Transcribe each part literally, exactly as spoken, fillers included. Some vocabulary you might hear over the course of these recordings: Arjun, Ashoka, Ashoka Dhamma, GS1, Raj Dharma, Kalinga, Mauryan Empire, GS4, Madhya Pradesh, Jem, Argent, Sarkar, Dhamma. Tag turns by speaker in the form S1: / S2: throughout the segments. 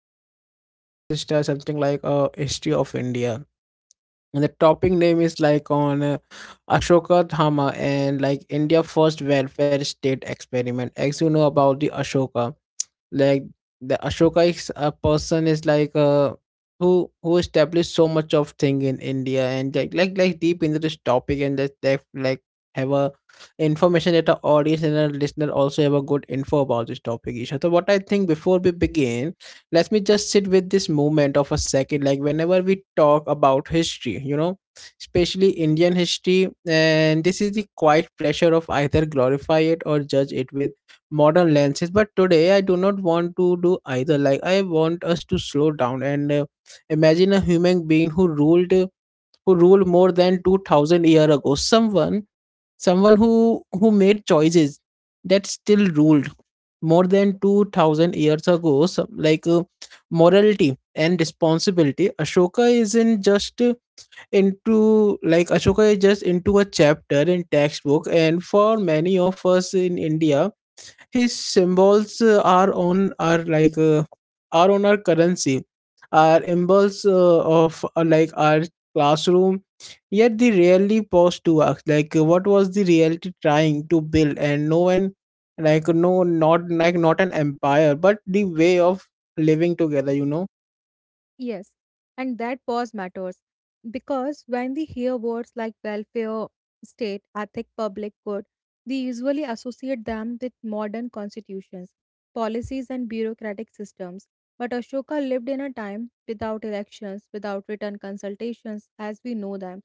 S1: something like our ancestor, something like uh, history of India. And the topic name is like on uh, Ashoka Dhamma and like India first welfare state experiment. As you know about the Ashoka, like the ashoka is a person is like uh who who established so much of thing in India and like like like deep into this topic, and that they like have a information that our audience and our listener also have a good info about this topic, Isha. So what I think before we begin, let me just sit with this moment of a second. Like whenever we talk about history, you know especially Indian history, and this is the quiet pressure of either glorify it or judge it with modern lenses. But today I do not want to do either. Like I want us to slow down and uh, imagine a human being who ruled who ruled more than two thousand year ago, someone someone who who made choices that still ruled more than two thousand years ago. Some, like uh, morality and responsibility. Ashoka isn't just uh, into, like, Ashoka is just into a chapter in textbook. And for many of us in India, his symbols uh, are on are like uh, are on our currency, our impulse uh, of uh, like our classroom. Yet they rarely pause to ask, like, uh, what was the reality trying to build? And no one, like, no, not like not an empire, but the way of living together. You know.
S2: Yes, and that pause matters because when we hear words like welfare, state, ethic, public good, we usually associate them with modern constitutions, policies, and bureaucratic systems. But Ashoka lived in a time without elections, without written consultations as we know them.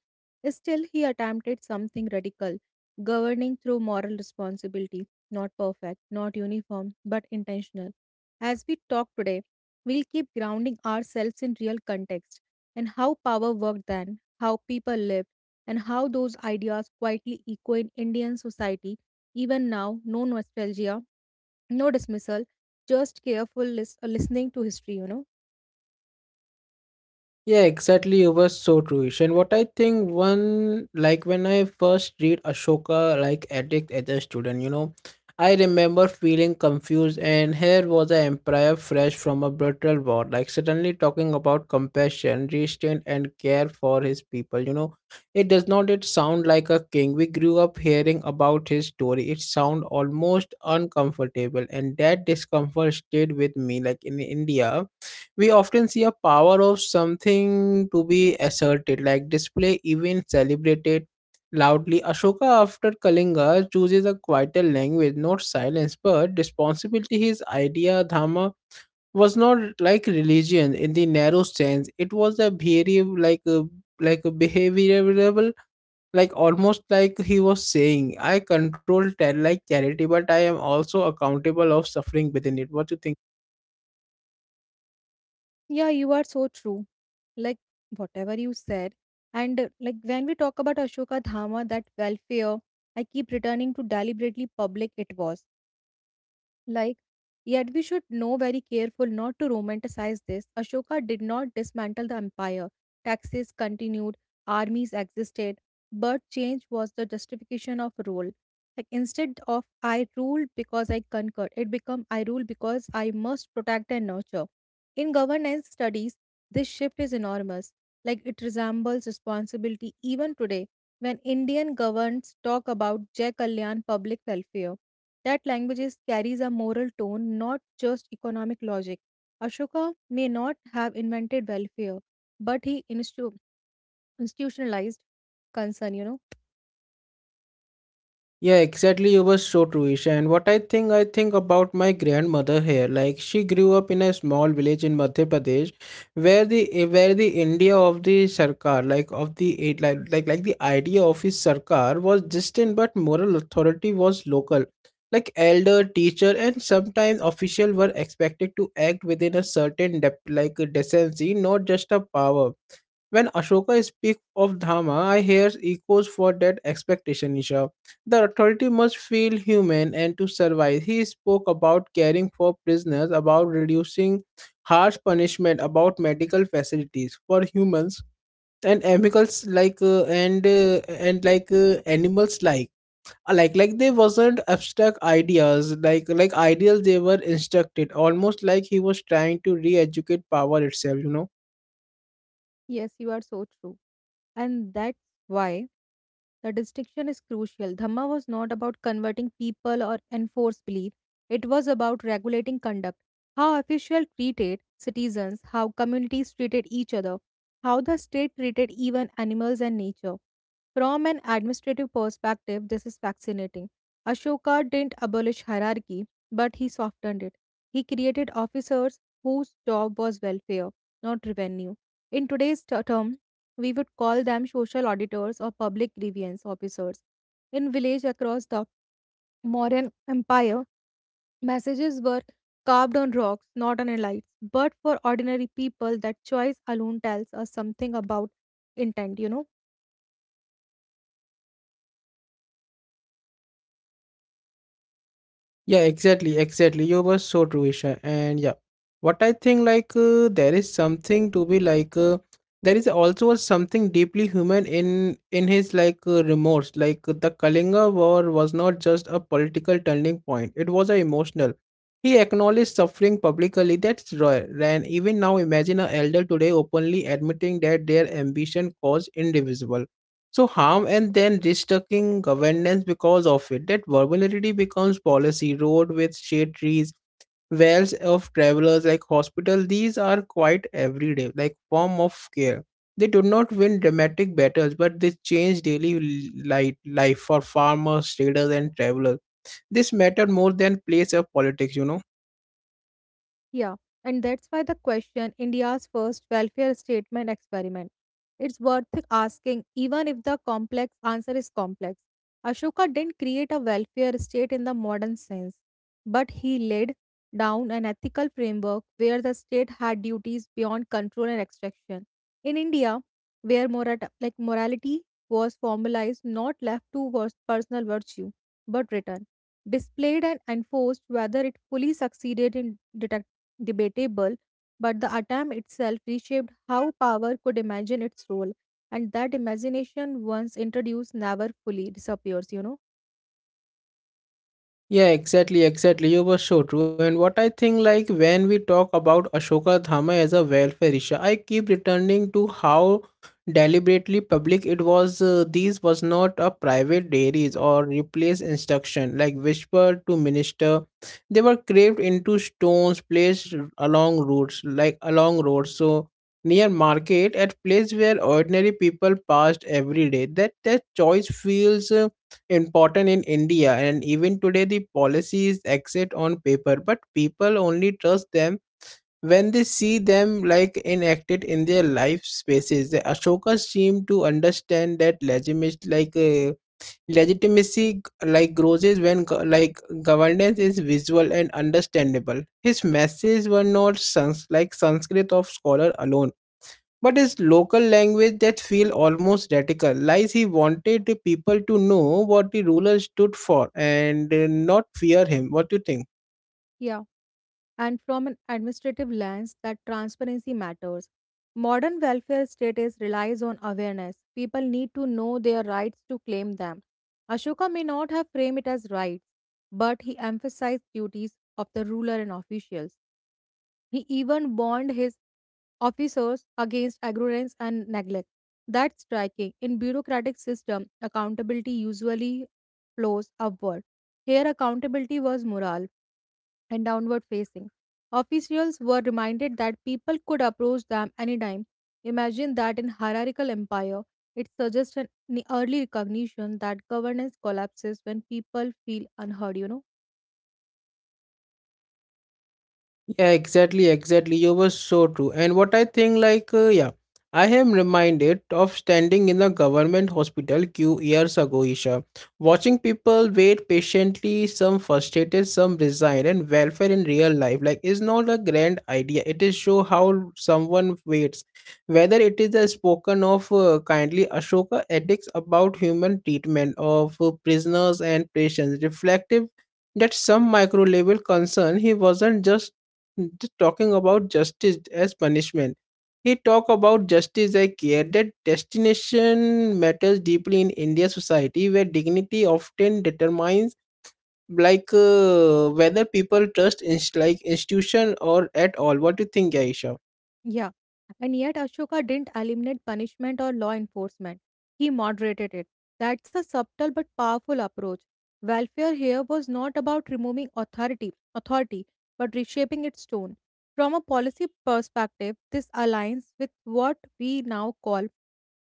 S2: Still, he attempted something radical, governing through moral responsibility, not perfect, not uniform, but intentional. As we talk today, we'll keep grounding ourselves in real context and how power worked then, how people lived, and how those ideas quietly echo in Indian society even now. No nostalgia, no dismissal, just careful lis- uh, listening to history, you know.
S1: Yeah, exactly. You were so true. Ish. And what I think one, like when I first read Ashoka like addict as a student, you know, I remember feeling confused, and here was an emperor fresh from a brutal war, like suddenly talking about compassion, restraint and care for his people. You know, it does not it sound like a king. We grew up hearing about his story. It sound almost uncomfortable, and that discomfort stayed with me. Like in India we often see a power of something to be asserted, like display, even celebrated loudly. Ashoka, after Kalinga, chooses a quieter language, not silence, but responsibility. His idea, Dhamma, was not like religion in the narrow sense. It was a behavior, like a like a behavioral, like almost like he was saying, I control ter- like charity, but I am also accountable of suffering within it. What do you think?
S2: Yeah, you are so true. Like whatever you said. And uh, like when we talk about Ashoka Dhama, that welfare, I keep returning to deliberately public it was. Like, yet we should know very careful not to romanticize this. Ashoka did not dismantle the empire. Taxes continued, armies existed, but change was the justification of rule. Like instead of I rule because I conquer, it became I rule because I must protect and nurture. In governance studies, this shift is enormous. Like it resembles responsibility even today when Indian governments talk about Jai Kalyan public welfare, that languages carries a moral tone, not just economic logic. Ashoka may not have invented welfare, but he instu- institutionalized concern, you know.
S1: Yeah, exactly. You were so true, Isha. And what I think, I think about my grandmother here. Like she grew up in a small village in Madhya Pradesh, where the eh, where the India of the Sarkar, like of the eh, like like like the idea of his Sarkar was distant, but moral authority was local. Like elder, teacher, and sometimes official were expected to act within a certain dep like decency, not just a power. When Ashoka speaks of Dhamma, I hear echoes for that expectation, Isha. The authority must feel human and to survive. He spoke about caring for prisoners, about reducing harsh punishment, about medical facilities for humans and animals like uh, and uh, and like uh, animals like like like they wasn't abstract ideas, like like ideals. They were instructed almost like he was trying to re-educate power itself you know
S2: Yes, you are so true. And that's why the distinction is crucial. Dhamma was not about converting people or enforce belief. It was about regulating conduct, how officials treated citizens, how communities treated each other, how the state treated even animals and nature. From an administrative perspective, this is fascinating. Ashoka didn't abolish hierarchy, but he softened it. He created officers whose job was welfare, not revenue. In today's t- terms, we would call them social auditors or public grievance officers. In village across the Mauryan Empire, messages were carved on rocks, not on lights. But for ordinary people, that choice alone tells us something about intent, you know.
S1: Yeah, exactly, exactly. You were so true, Isha. And yeah, what I think, like uh, there is something to be like uh, there is also a something deeply human in in his like uh, remorse. Like the Kalinga War was not just a political turning point; it was a emotional. He acknowledged suffering publicly. That's rare. And even now, imagine an elder today openly admitting that their ambition caused indivisible. So harm, and then restructuring governance because of it. That vulnerability becomes policy. Road with shade trees, wells of travelers like hospital. These are quite everyday, like form of care. They do not win dramatic battles, but they change daily li- life for farmers, traders, and travelers. This mattered more than place of politics, you know.
S2: Yeah, and that's why the question India's first welfare statement experiment. It's worth asking, even if the complex answer is complex. Ashoka didn't create a welfare state in the modern sense, but he laid down an ethical framework where the state had duties beyond control and extraction. In India, where morat- like morality was formalized, not left to vers- personal virtue, but written, displayed and enforced, whether it fully succeeded in detecting debatable, but the attempt itself reshaped how power could imagine its role, and that imagination, once introduced, never fully disappears, you know?
S1: Yeah, exactly, exactly. You were so true. And what I think, like, when we talk about Ashoka Dhamma as a welfare issue, I keep returning to how deliberately public it was. Uh, these was not a private dairies or replace instruction, like whispered to minister. They were carved into stones placed along roads, like along roads. So near market, at place where ordinary people passed every day. That that choice feels. Uh, important in India, and even today the policies exist on paper, but people only trust them when they see them like enacted in their life spaces. The Ashoka seemed to understand that legitimate like uh, legitimacy like grows is when go- like governance is visual and understandable. His messages were not sans- like Sanskrit of scholar alone, but his local language that feel almost radical lies. He wanted people to know what the ruler stood for and uh, not fear him. What do you think?
S2: Yeah. And from an administrative lens, that transparency matters. Modern welfare status relies on awareness. People need to know their rights to claim them. Ashoka may not have framed it as rights, but he emphasized duties of the ruler and officials. He even warned his officers against ignorance and neglect. That's striking. In bureaucratic system, accountability usually flows upward. Here accountability was moral and downward facing. Officials were reminded that people could approach them anytime. Imagine that in hierarchical empire, it suggests an an early recognition that governance collapses when people feel unheard, you know.
S1: Yeah, exactly, exactly. You were so true. And what I think, like, uh, yeah, I am reminded of standing in the government hospital queue years ago, Isha, watching people wait patiently, some frustrated, some resigned, and welfare in real life, like, is not a grand idea. It is show how someone waits. Whether it is the spoken of uh, kindly Ashoka ethics about human treatment of uh, prisoners and patients, reflective that some micro level concern he wasn't just Hmm, Just talking about justice as punishment. He talked about justice I care that destination matters deeply in India society where dignity often determines like uh, whether people trust inst- like institution or at all. What do you think, Aisha?
S2: Yeah, and yet Ashoka didn't eliminate punishment or law enforcement. He moderated it. That's a subtle but powerful approach. Welfare here was not about removing authority, authority, but reshaping its tone. From a policy perspective, this aligns with what we now call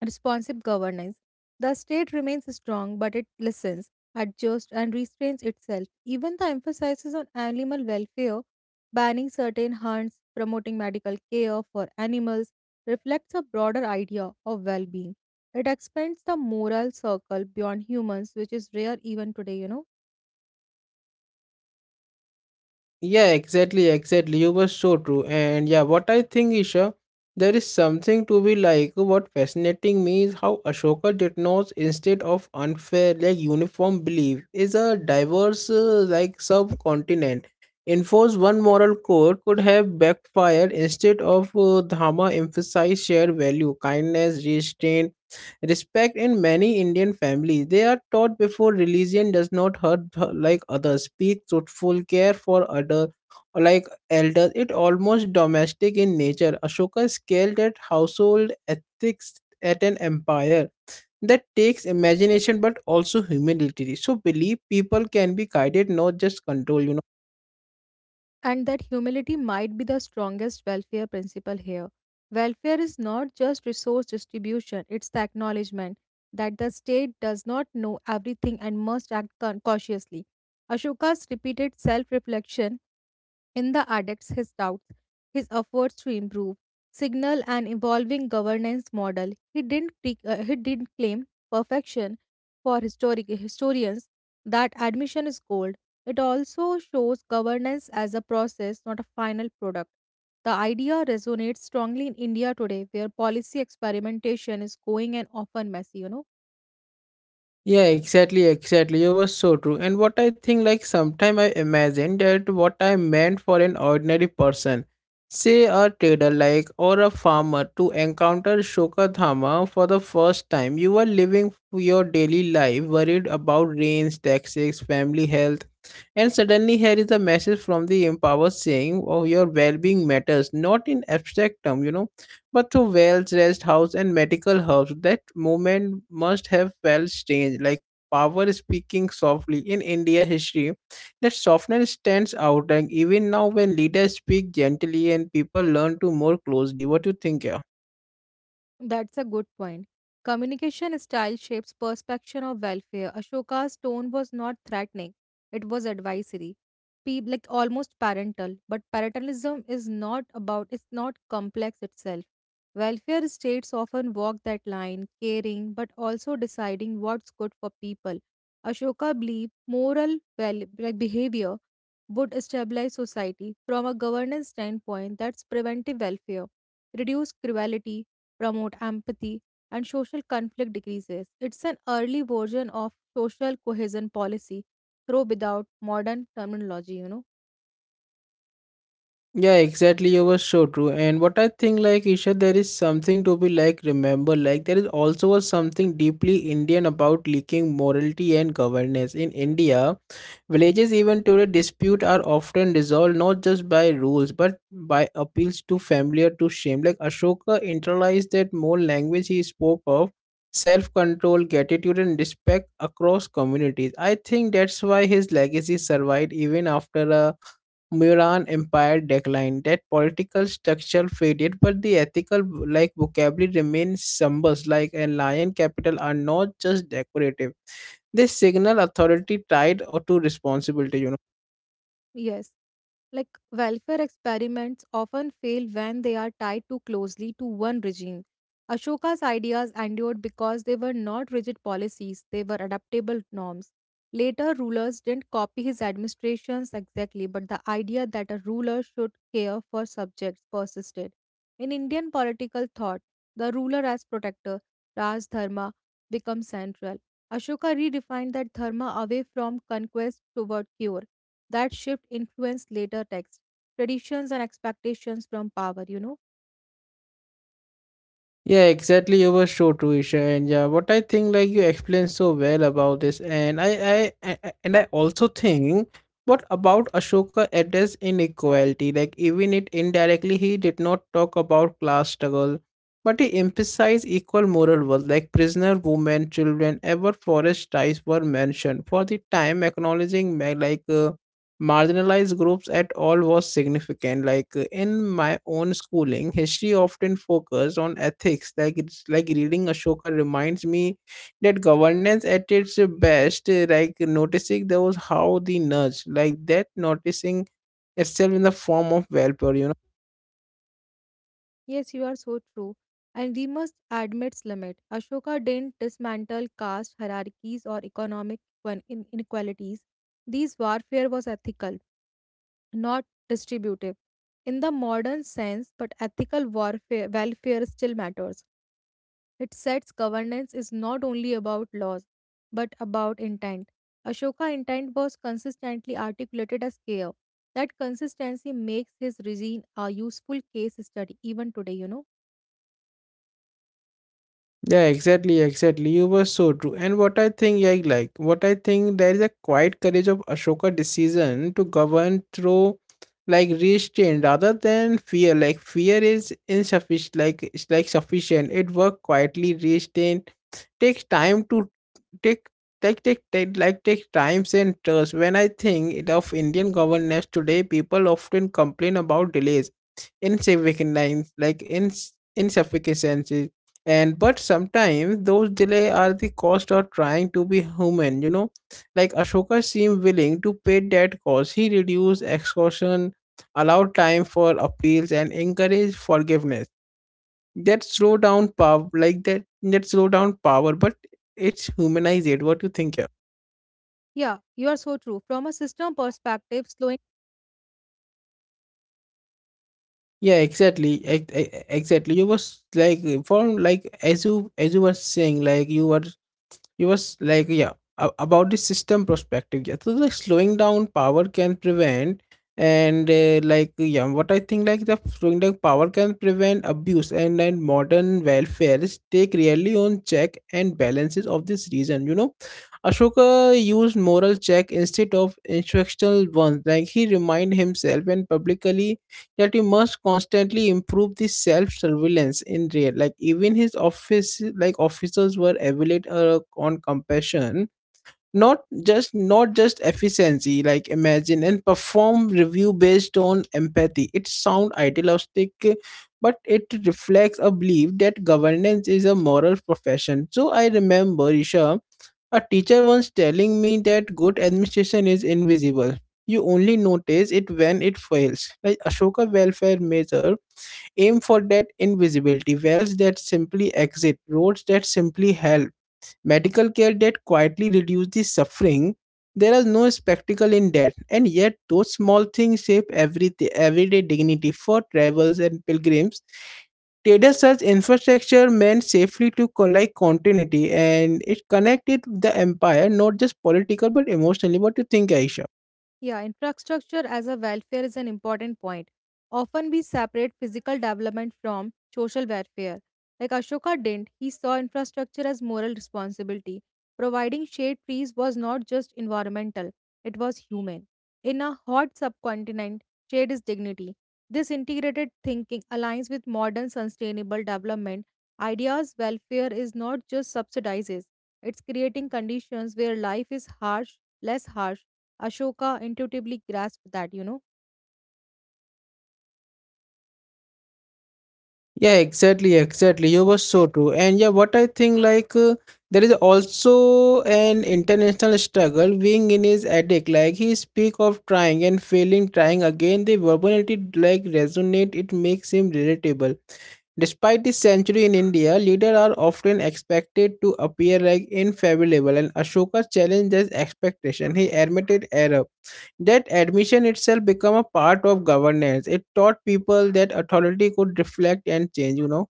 S2: responsive governance. The state remains strong, but it listens, adjusts, and restrains itself. Even the emphasis on animal welfare, banning certain hunts, promoting medical care for animals, reflects a broader idea of well being. It expands the moral circle beyond humans, which is rare even today, you know.
S1: Yeah, exactly, exactly. You were so true. And yeah, what I think, Isha, there is something to be like. What fascinating me is how Ashoka did not, instead of unfair, like uniform belief, is a diverse, uh, like subcontinent. Enforce one moral code could have backfired, instead of uh, Dhamma emphasize shared value, kindness, restraint, Respect in many Indian families. They are taught before religion does not hurt like others. Speak truthful, care for other like elders. It almost domestic in nature. Ashoka scaled at household ethics at an empire that takes imagination but also humility. So believe people can be guided, not just controlled.
S2: And that humility might be the strongest welfare principle here. Welfare is not just resource distribution, it's the acknowledgement that the state does not know everything and must act con- cautiously. Ashoka's repeated self reflection in the addicts, his doubts, his efforts to improve, signal an evolving governance model. He didn't, pre- uh, he didn't claim perfection for historic historians. That admission is cold. It also shows governance as a process, not a final product. The idea resonates strongly in India today, where policy experimentation is going and often messy, you know.
S1: Yeah, exactly, exactly. You were so true. And what I think, like, sometime I imagine that what I meant for an ordinary person, say a trader, like, or a farmer, to encounter Shokadhama for the first time. You are living your daily life worried about rains, taxes, family health, and suddenly here is a message from the empower saying, "Oh, your well-being matters, not in abstract term, you know." But to well dressed house and medical herbs. That moment must have felt strange, like power speaking softly. In India history, that softness stands out, and even now when leaders speak gently and people learn to more closely. What do you think, yeah?
S2: That's a good point. Communication style shapes perception of welfare. Ashoka's tone was not threatening, it was advisory. Pe- like almost parental, but parentalism is not about it's not complex itself. Welfare states often walk that line, caring but also deciding what's good for people. Ashoka believed moral well, like behavior would stabilize society from a governance standpoint that's preventive welfare, reduce cruelty, promote empathy, and social conflict decreases. It's an early version of social cohesion policy, though without modern terminology, you know.
S1: Yeah, exactly. You were so true. And what I think, like, Isha, there is something to be like remember. Like there is also a something deeply Indian about leaking morality and governance in India. Villages, even today, dispute are often resolved not just by rules but by appeals to familiar to shame. Like Ashoka internalized that more language. He spoke of self control, gratitude, and respect across communities. I think that's why his legacy survived even after a Muran empire declined. That political structure faded, but the ethical like vocabulary remains somber. Like a lion capital are not just decorative, they signal authority tied or to responsibility you know
S2: Yes. Like welfare experiments often fail when they are tied too closely to one regime. Ashoka's ideas endured because they were not rigid policies, they were adaptable norms. Later rulers didn't copy his administrations exactly, but the idea that a ruler should care for subjects persisted. In Indian political thought, the ruler as protector, Raj Dharma, becomes central. Ashoka redefined that dharma away from conquest toward cure that shift influenced later texts, traditions, and expectations from power, you know?
S1: Yeah, exactly. You were so true, Isha. And yeah, what I think, like you explained so well about this, and I, I, I I- and i also think what about ashoka addressed inequality. Like even it indirectly, he did not talk about class struggle, but he emphasized equal moral worth, like prisoner, women, children, ever forest ties were mentioned for the time. Acknowledging ma- like uh, marginalized groups at all was significant, like uh, in my own schooling history often focused on ethics, like it's like reading ashoka reminds me that governance at its best uh, like noticing those how the nudge, like that noticing itself in the form of welfare you know
S2: Yes, you are so true. And we must admit its limit. Ashoka didn't dismantle caste hierarchies or economic one- in- inequalities. These warfare was ethical, not distributive. In the modern sense, but ethical warfare welfare still matters. It sets governance is not only about laws, but about intent. Ashoka intent was consistently articulated as care. That consistency makes his regime a useful case study even today, you know.
S1: Yeah, exactly, exactly. You were so true. And what I think, I like, what I think, there is a quiet courage of Ashoka decision to govern through like restraint rather than fear. Like fear is insufficient. Like it's like sufficient. It work quietly. Restraint takes time to take. Take, take, take, like take times and trust. When I think of Indian governance today, people often complain about delays insignificant like ins- insufficiency and but sometimes those delay are the cost of trying to be human you know Like Ashoka seemed willing to pay that cost. He reduced exhaustion, allowed time for appeals, and encouraged forgiveness. That slow down power, like that that slow down power, but it's humanized it. What do you think here?
S2: Yeah, you are so true. From a system perspective, slowing.
S1: Yeah, exactly, ex- ex- exactly you was like uh, from like as you as you were saying, like you were, you was like, yeah, a- about the system perspective. Yeah, so like slowing down power can prevent and uh, like, yeah, what I think, like the slowing down power can prevent abuse, and and modern welfare is take really on check and balances of this reason, you know. Ashoka used moral check instead of instructional ones. Like he remind himself and publicly that you must constantly improve the self-surveillance in real, like even his office, like officers were evaluated uh, on compassion, not just not just efficiency. Like imagine and perform review based on empathy, it sound idealistic, but it reflects a belief that governance is a moral profession. So I remember Isha, a teacher once telling me that good administration is invisible. You only notice it when it fails. Like Ashoka welfare measure aim for that invisibility, wells that simply exit, roads that simply help, medical care that quietly reduce the suffering. There is no spectacle in that, and yet those small things shape every everyday dignity for travelers and pilgrims. Data such infrastructure meant safely to collect continuity, and it connected the empire not just political but emotionally. What do you think, Aisha?
S2: Yeah, infrastructure as a welfare is an important point. Often we separate physical development from social welfare. Like Ashoka didn't, he saw infrastructure as moral responsibility. Providing shade trees was not just environmental, it was human. In a hot subcontinent, shade is dignity. This integrated thinking aligns with modern sustainable development. Ideas welfare is not just subsidizes, it's creating conditions where life is harsh, less harsh Ashoka intuitively grasped that, you know.
S1: Yeah, exactly, exactly. You were so true. And yeah, what I think, like uh, there is also an international struggle being in his addict. Like he speak of trying and failing, trying again. The verbality like resonate. It makes him relatable. Despite the century in India, leaders are often expected to appear like infallible, and Ashoka challenged this expectation. He admitted error. That admission itself became a part of governance. It taught people that authority could reflect and change, you know.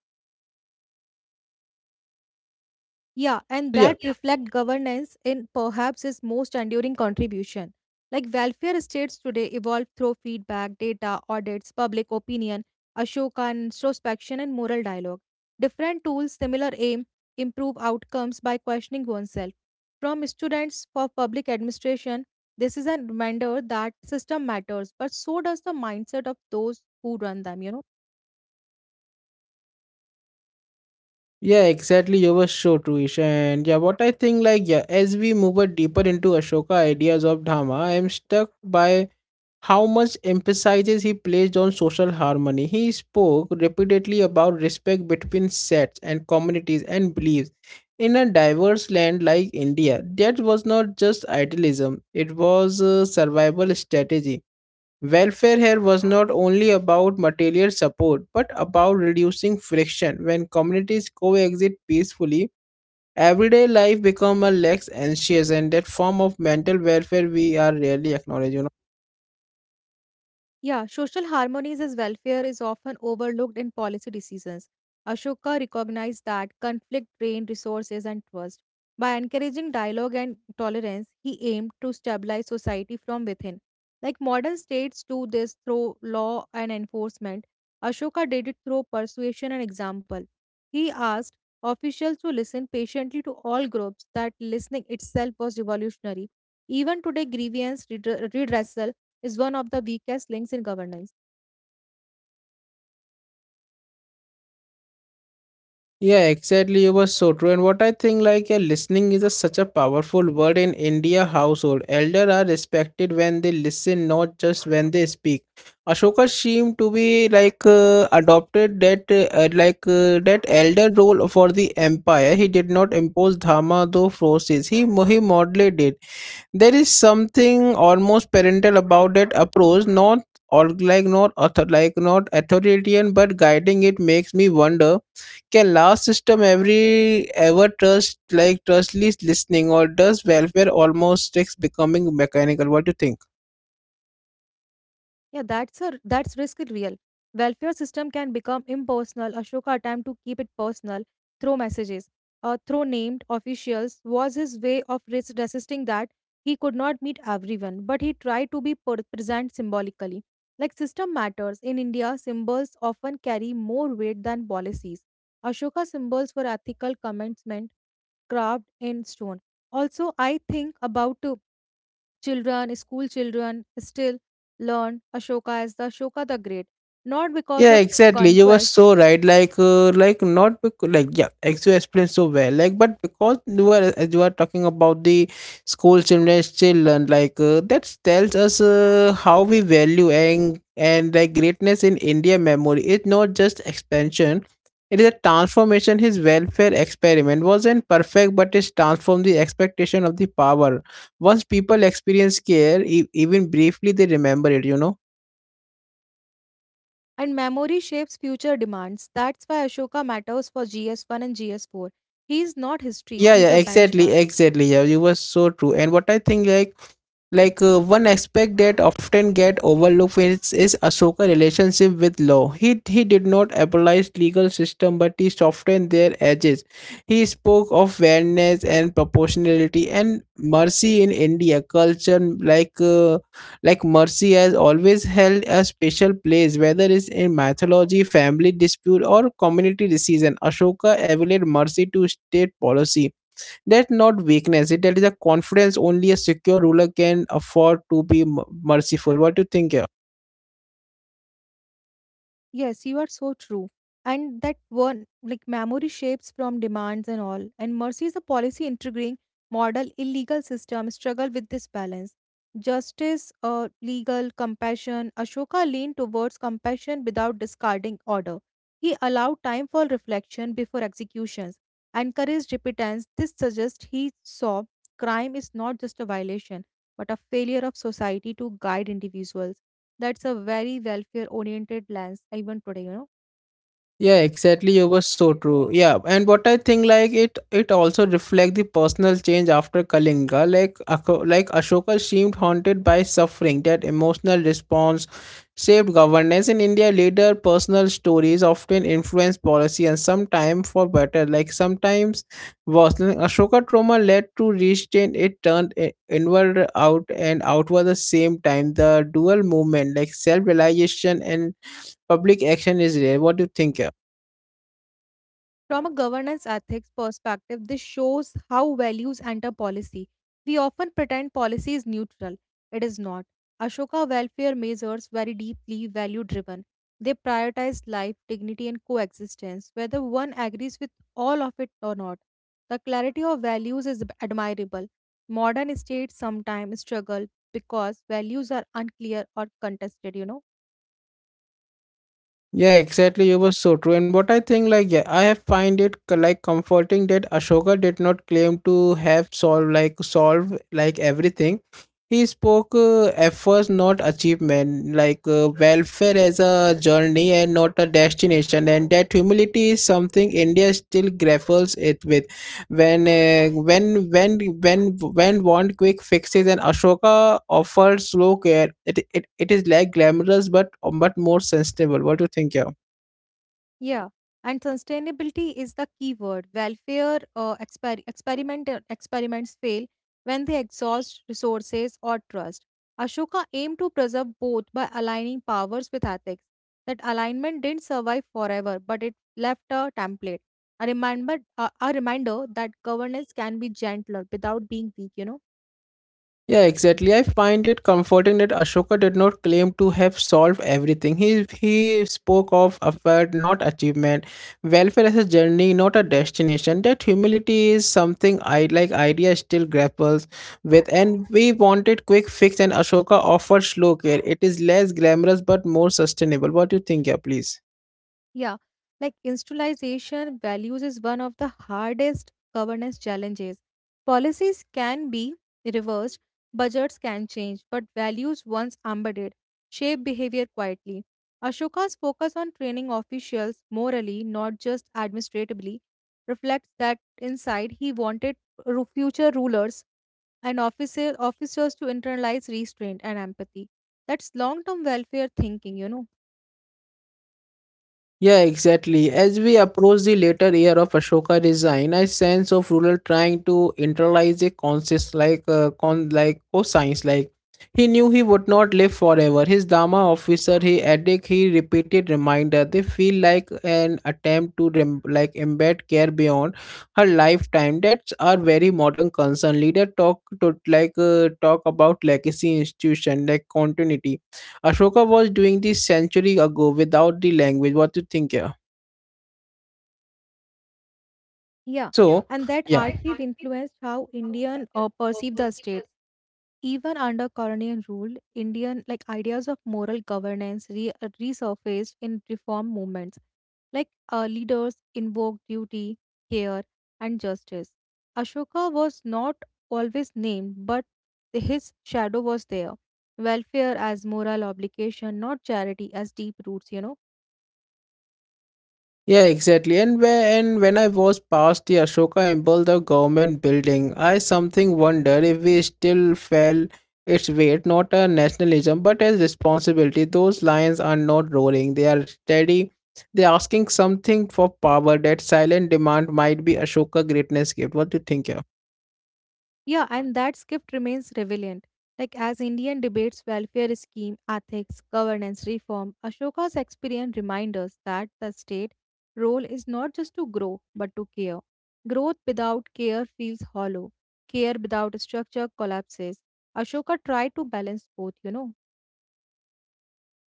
S2: Yeah, and
S1: So
S2: that
S1: yeah.
S2: reflect governance in perhaps his most enduring contribution. Like welfare states today evolve through feedback, data, audits, public opinion, Ashoka and introspection and moral dialogue. Different tools, similar aim, improve outcomes by questioning oneself. From students for public administration, this is a reminder that system matters, but so does the mindset of those who run them, you know.
S1: Yeah, exactly, you were so true, Isha. And yeah, what I think, like, yeah, as we move a deeper into Ashoka ideas of dharma, I am struck by how much emphasis he placed on social harmony. He spoke repeatedly about respect between sects and communities and beliefs. In a diverse land like India, that was not just idealism, it was a survival strategy. Welfare here was not only about material support but about reducing friction. When communities coexist peacefully, everyday life becomes a less anxious, and that form of mental welfare we are rarely acknowledging.
S2: Yeah, social harmonies as welfare is often overlooked in policy decisions. Ashoka recognized that conflict drained resources and trust. By encouraging dialogue and tolerance, he aimed to stabilize society from within. Like modern states do this through law and enforcement, Ashoka did it through persuasion and example. He asked officials to listen patiently to all groups, that listening itself was revolutionary. Even today, grievance redre- redressal is one of the weakest links in governance.
S1: Yeah, exactly. You were so true. And what I think, like, uh, listening is a, such a powerful word in India household. Elder are respected when they listen, not just when they speak. Ashoka seemed to be like uh, adopted that uh, uh, like uh, that elder role for the empire. He did not impose dharma though forces. He mo- he modulated it. There is something almost parental about that approach, not or like not author like not authoritarian but guiding. It makes me wonder, can last system every ever trust like trustless listening, or does welfare almost takes becoming mechanical? What do you think?
S2: Yeah, that's a that's risk real. Welfare system can become impersonal. Ashoka attempt to keep it personal through messages. Uh, through named officials was his way of res- resisting that he could not meet everyone, but he tried to be per- present symbolically. Like system matters in India, symbols often carry more weight than policies. Ashoka symbols were ethical commencement carved in stone. Also, I think about children, school children still learn Ashoka as the Ashoka the Great, not because
S1: Yeah,
S2: of
S1: exactly. You were
S2: conquest,
S1: so right. Like, uh, like not because, like, yeah, as you explained so well. Like, but because you were, as you are talking about the school children still learn. Like, uh, that tells us uh, how we value and and like greatness in India memory. It's not just expansion. It is a transformation. His welfare experiment wasn't perfect, but it transformed the expectation of the power. Once people experience care, e- even briefly, they remember it. You know.
S2: and memory shapes future demands. That's why Ashoka matters for G S one and G S four. He is not history,
S1: Yeah,
S2: he is
S1: yeah,
S2: a
S1: exactly,
S2: benchmark.
S1: exactly. Yeah, you were so true. And what I think, like, like uh, one aspect that often get overlooked is, is Ahsoka relationship with law. He he did not abolish legal system, but he softened their edges. He spoke of fairness and proportionality and mercy in India culture. Like, uh, like mercy has always held a special place, whether it's in mythology, family dispute, or community decision. Ashoka elevated mercy to state policy. That's not weakness. It, that is a confidence only a secure ruler can afford to be m- merciful. What do you think here?
S2: Yes, you are so true. And that one, like memory shapes from demands and all. And Mercy is a policy integrating model, illegal system, struggle with this balance. Justice, uh, legal, compassion. Ashoka leaned towards compassion without discarding order. He allowed time for reflection before executions. Encouraged repentance. This suggests he saw crime is not just a violation, but a failure of society to guide individuals. That's a very welfare oriented lens, even today, you know.
S1: Yeah, exactly. You were so true. Yeah, and what I think, like it it also reflect the personal change after Kalinga. Like Ako- like Ashoka seemed haunted by suffering. That emotional response shaped governance in India. Later, personal stories often influence policy and sometimes for better, like sometimes worse. Like, Ashoka trauma led to restraint. It turned i- inward out and outward the same time. The dual movement, like self realization and public action, is rare. What do you think?
S2: From a governance ethics perspective, this shows how values enter policy. We often pretend policy is neutral. It is not. Ashoka welfare measures very deeply value driven. They prioritize life, dignity, and coexistence, whether one agrees with all of it or not. The clarity of values is admirable. Modern states sometimes struggle because values are unclear or contested, you know.
S1: Yeah, exactly. You were so true. And what I think, like, yeah, I have find it co- like comforting that Ashoka did not claim to have solved like solve like everything. He spoke uh, efforts, not achievement, like uh, welfare as a journey and not a destination. And that humility is something India still grapples it with when uh, when when when when want quick fixes, and Ashoka offers slow care. It it, it is like glamorous but but more sustainable. What do you think, yeah?
S2: Yeah, and sustainability is the key word. Welfare uh, exper- experiment uh, experiments fail when they exhaust resources or trust. Ashoka aimed to preserve both by aligning powers with ethics. That alignment didn't survive forever, but it left a template, a reminder, a, a reminder that governance can be gentler without being weak. You know.
S1: Yeah, exactly. I find it comforting that Ashoka did not claim to have solved everything. He he spoke of effort, not achievement, welfare as a journey, not a destination. That humility is something I like idea still grapples with, and we wanted quick fix, and Ashoka offers slow care. It is less glamorous but more sustainable. What do you think, yeah, please?
S2: Yeah, like institutionalization values is one of the hardest governance challenges. Policies can be reversed, budgets can change, but values once embedded shape behavior quietly. Ashoka's focus on training officials morally, not just administratively, reflects that insight he wanted ru- future rulers and officer, officers to internalize restraint and empathy. That's long term welfare thinking, you know.
S1: Yeah, exactly. As we approach the later year of Ashoka design, a sense of ruler trying to internalize a conscious like uh, con like cosines, like he knew he would not live forever. His Dharma officer, he addict, he repeated reminder. They feel like an attempt to rem- like embed care beyond her lifetime. That's our very modern concern. Leader talk to like uh, talk about legacy institution like continuity. Ashoka was doing this century ago without the language. What do you think here? Yeah.
S2: Yeah,
S1: So,
S2: and that
S1: yeah.
S2: archive influenced how Indian uh, perceived the state. Even under colonial rule, Indian like ideas of moral governance re- uh, resurfaced in reform movements. Like uh, leaders invoked duty, care, and justice. Ashoka was not always named, but his shadow was there. Welfare as moral obligation, not charity as deep roots. You know.
S1: Yeah, exactly. And when and when I was past the Ashoka Emble, the government building, I something wonder if we still felt its weight, not a nationalism, but as responsibility. Those lions are not roaring; they are steady. They're asking something for power. That silent demand might be Ashoka greatness gift. What do you think? Yeah?
S2: Yeah, and that script remains relevant. Like as Indian debates welfare scheme, ethics, governance reform, Ashoka's experience reminds us that the state role is not just to grow but to care. Growth without care feels hollow. Care without structure collapses. Ashoka tried to balance both, you know.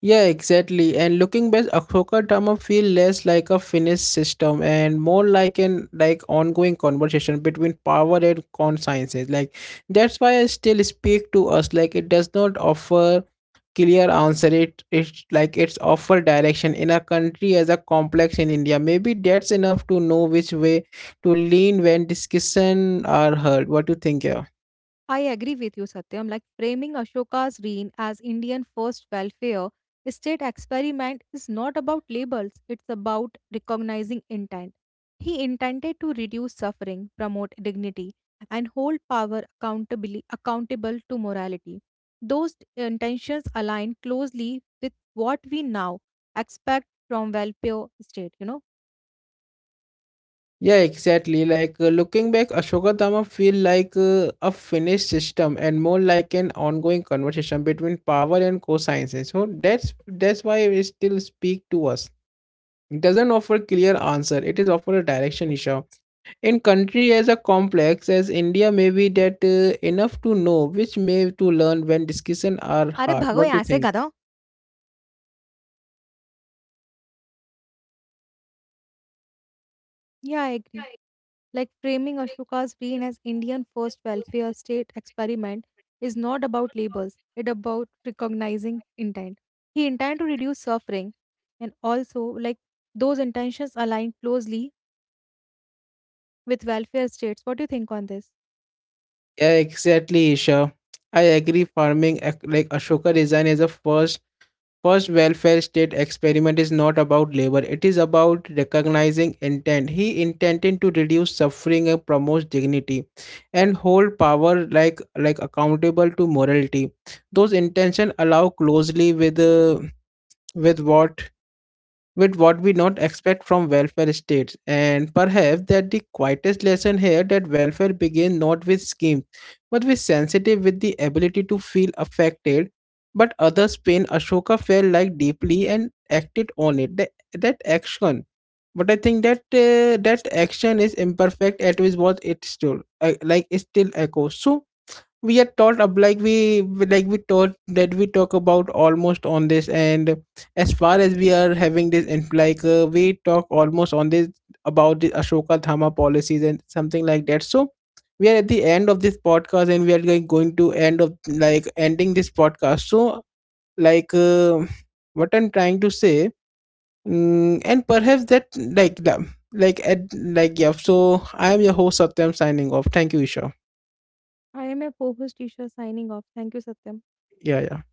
S1: Yeah, exactly. And looking back, Ahsoka drama feel less like a finished system and more like an like ongoing conversation between power and consciences. Like that's why I still speak to us. Like it does not offer clear answer. It it's like it's offer direction in a country as a complex in India. Maybe that's enough to know which way to lean when discussion are heard. What do you think? Yeah.
S2: I agree with you, Satyam. Like framing Ashoka's reign as Indian first welfare state experiment is not about labels, it's about recognizing intent. He intended to reduce suffering, promote dignity, and hold power accountably accountable to morality. Those intentions align closely with what we now expect from welfare state, you know?
S1: Yeah, exactly. Like uh, looking back, Ashoka Dhamma feel like uh, a finished system and more like an ongoing conversation between power and co-sciences. So that's that's why it still speak to us. It doesn't offer clear answer. It is offer a direction, Isha. In country as a complex as India, maybe that uh, enough to know which may to learn when discussion are
S2: अरे
S1: hard.
S2: भागो
S1: What do you
S2: यहाँ से
S1: think?
S2: गधा. Yeah, I agree. Like framing Ashoka's reign as Indian first welfare state experiment is not about labels, it about recognizing intent. He intended to reduce suffering and also like those intentions align closely with welfare states. What do you think on this?
S1: Yeah, exactly, Isha. I agree. Farming ac- like Ashoka design is a first first welfare state experiment is not about labor, it is about recognizing intent. He intended to reduce suffering and promote dignity and hold power like like accountable to morality. Those intentions allow closely with uh, with what with what we not expect from welfare states, and perhaps that the quietest lesson here, that welfare begins not with schemes but with sensitive, with the ability to feel affected but others pain. Ashoka felt like deeply and acted on it. That, that action, but I think that uh, that action is imperfect, at which what it still uh, like it still echoes. So we are taught up, like we like we taught that we talk about almost on this, and as far as we are having this, and like uh, we talk almost on this about the Ashoka Dhamma policies and something like that. So we are at the end of this podcast, and we are going, going to end of like ending this podcast. So like uh, what I'm trying to say, mm, and perhaps that like the- like at like yeah, so I am your host Satyam signing off. Thank you, Isha.
S2: I am a co-host Isha signing off. Thank you, Satyam.
S1: Yeah yeah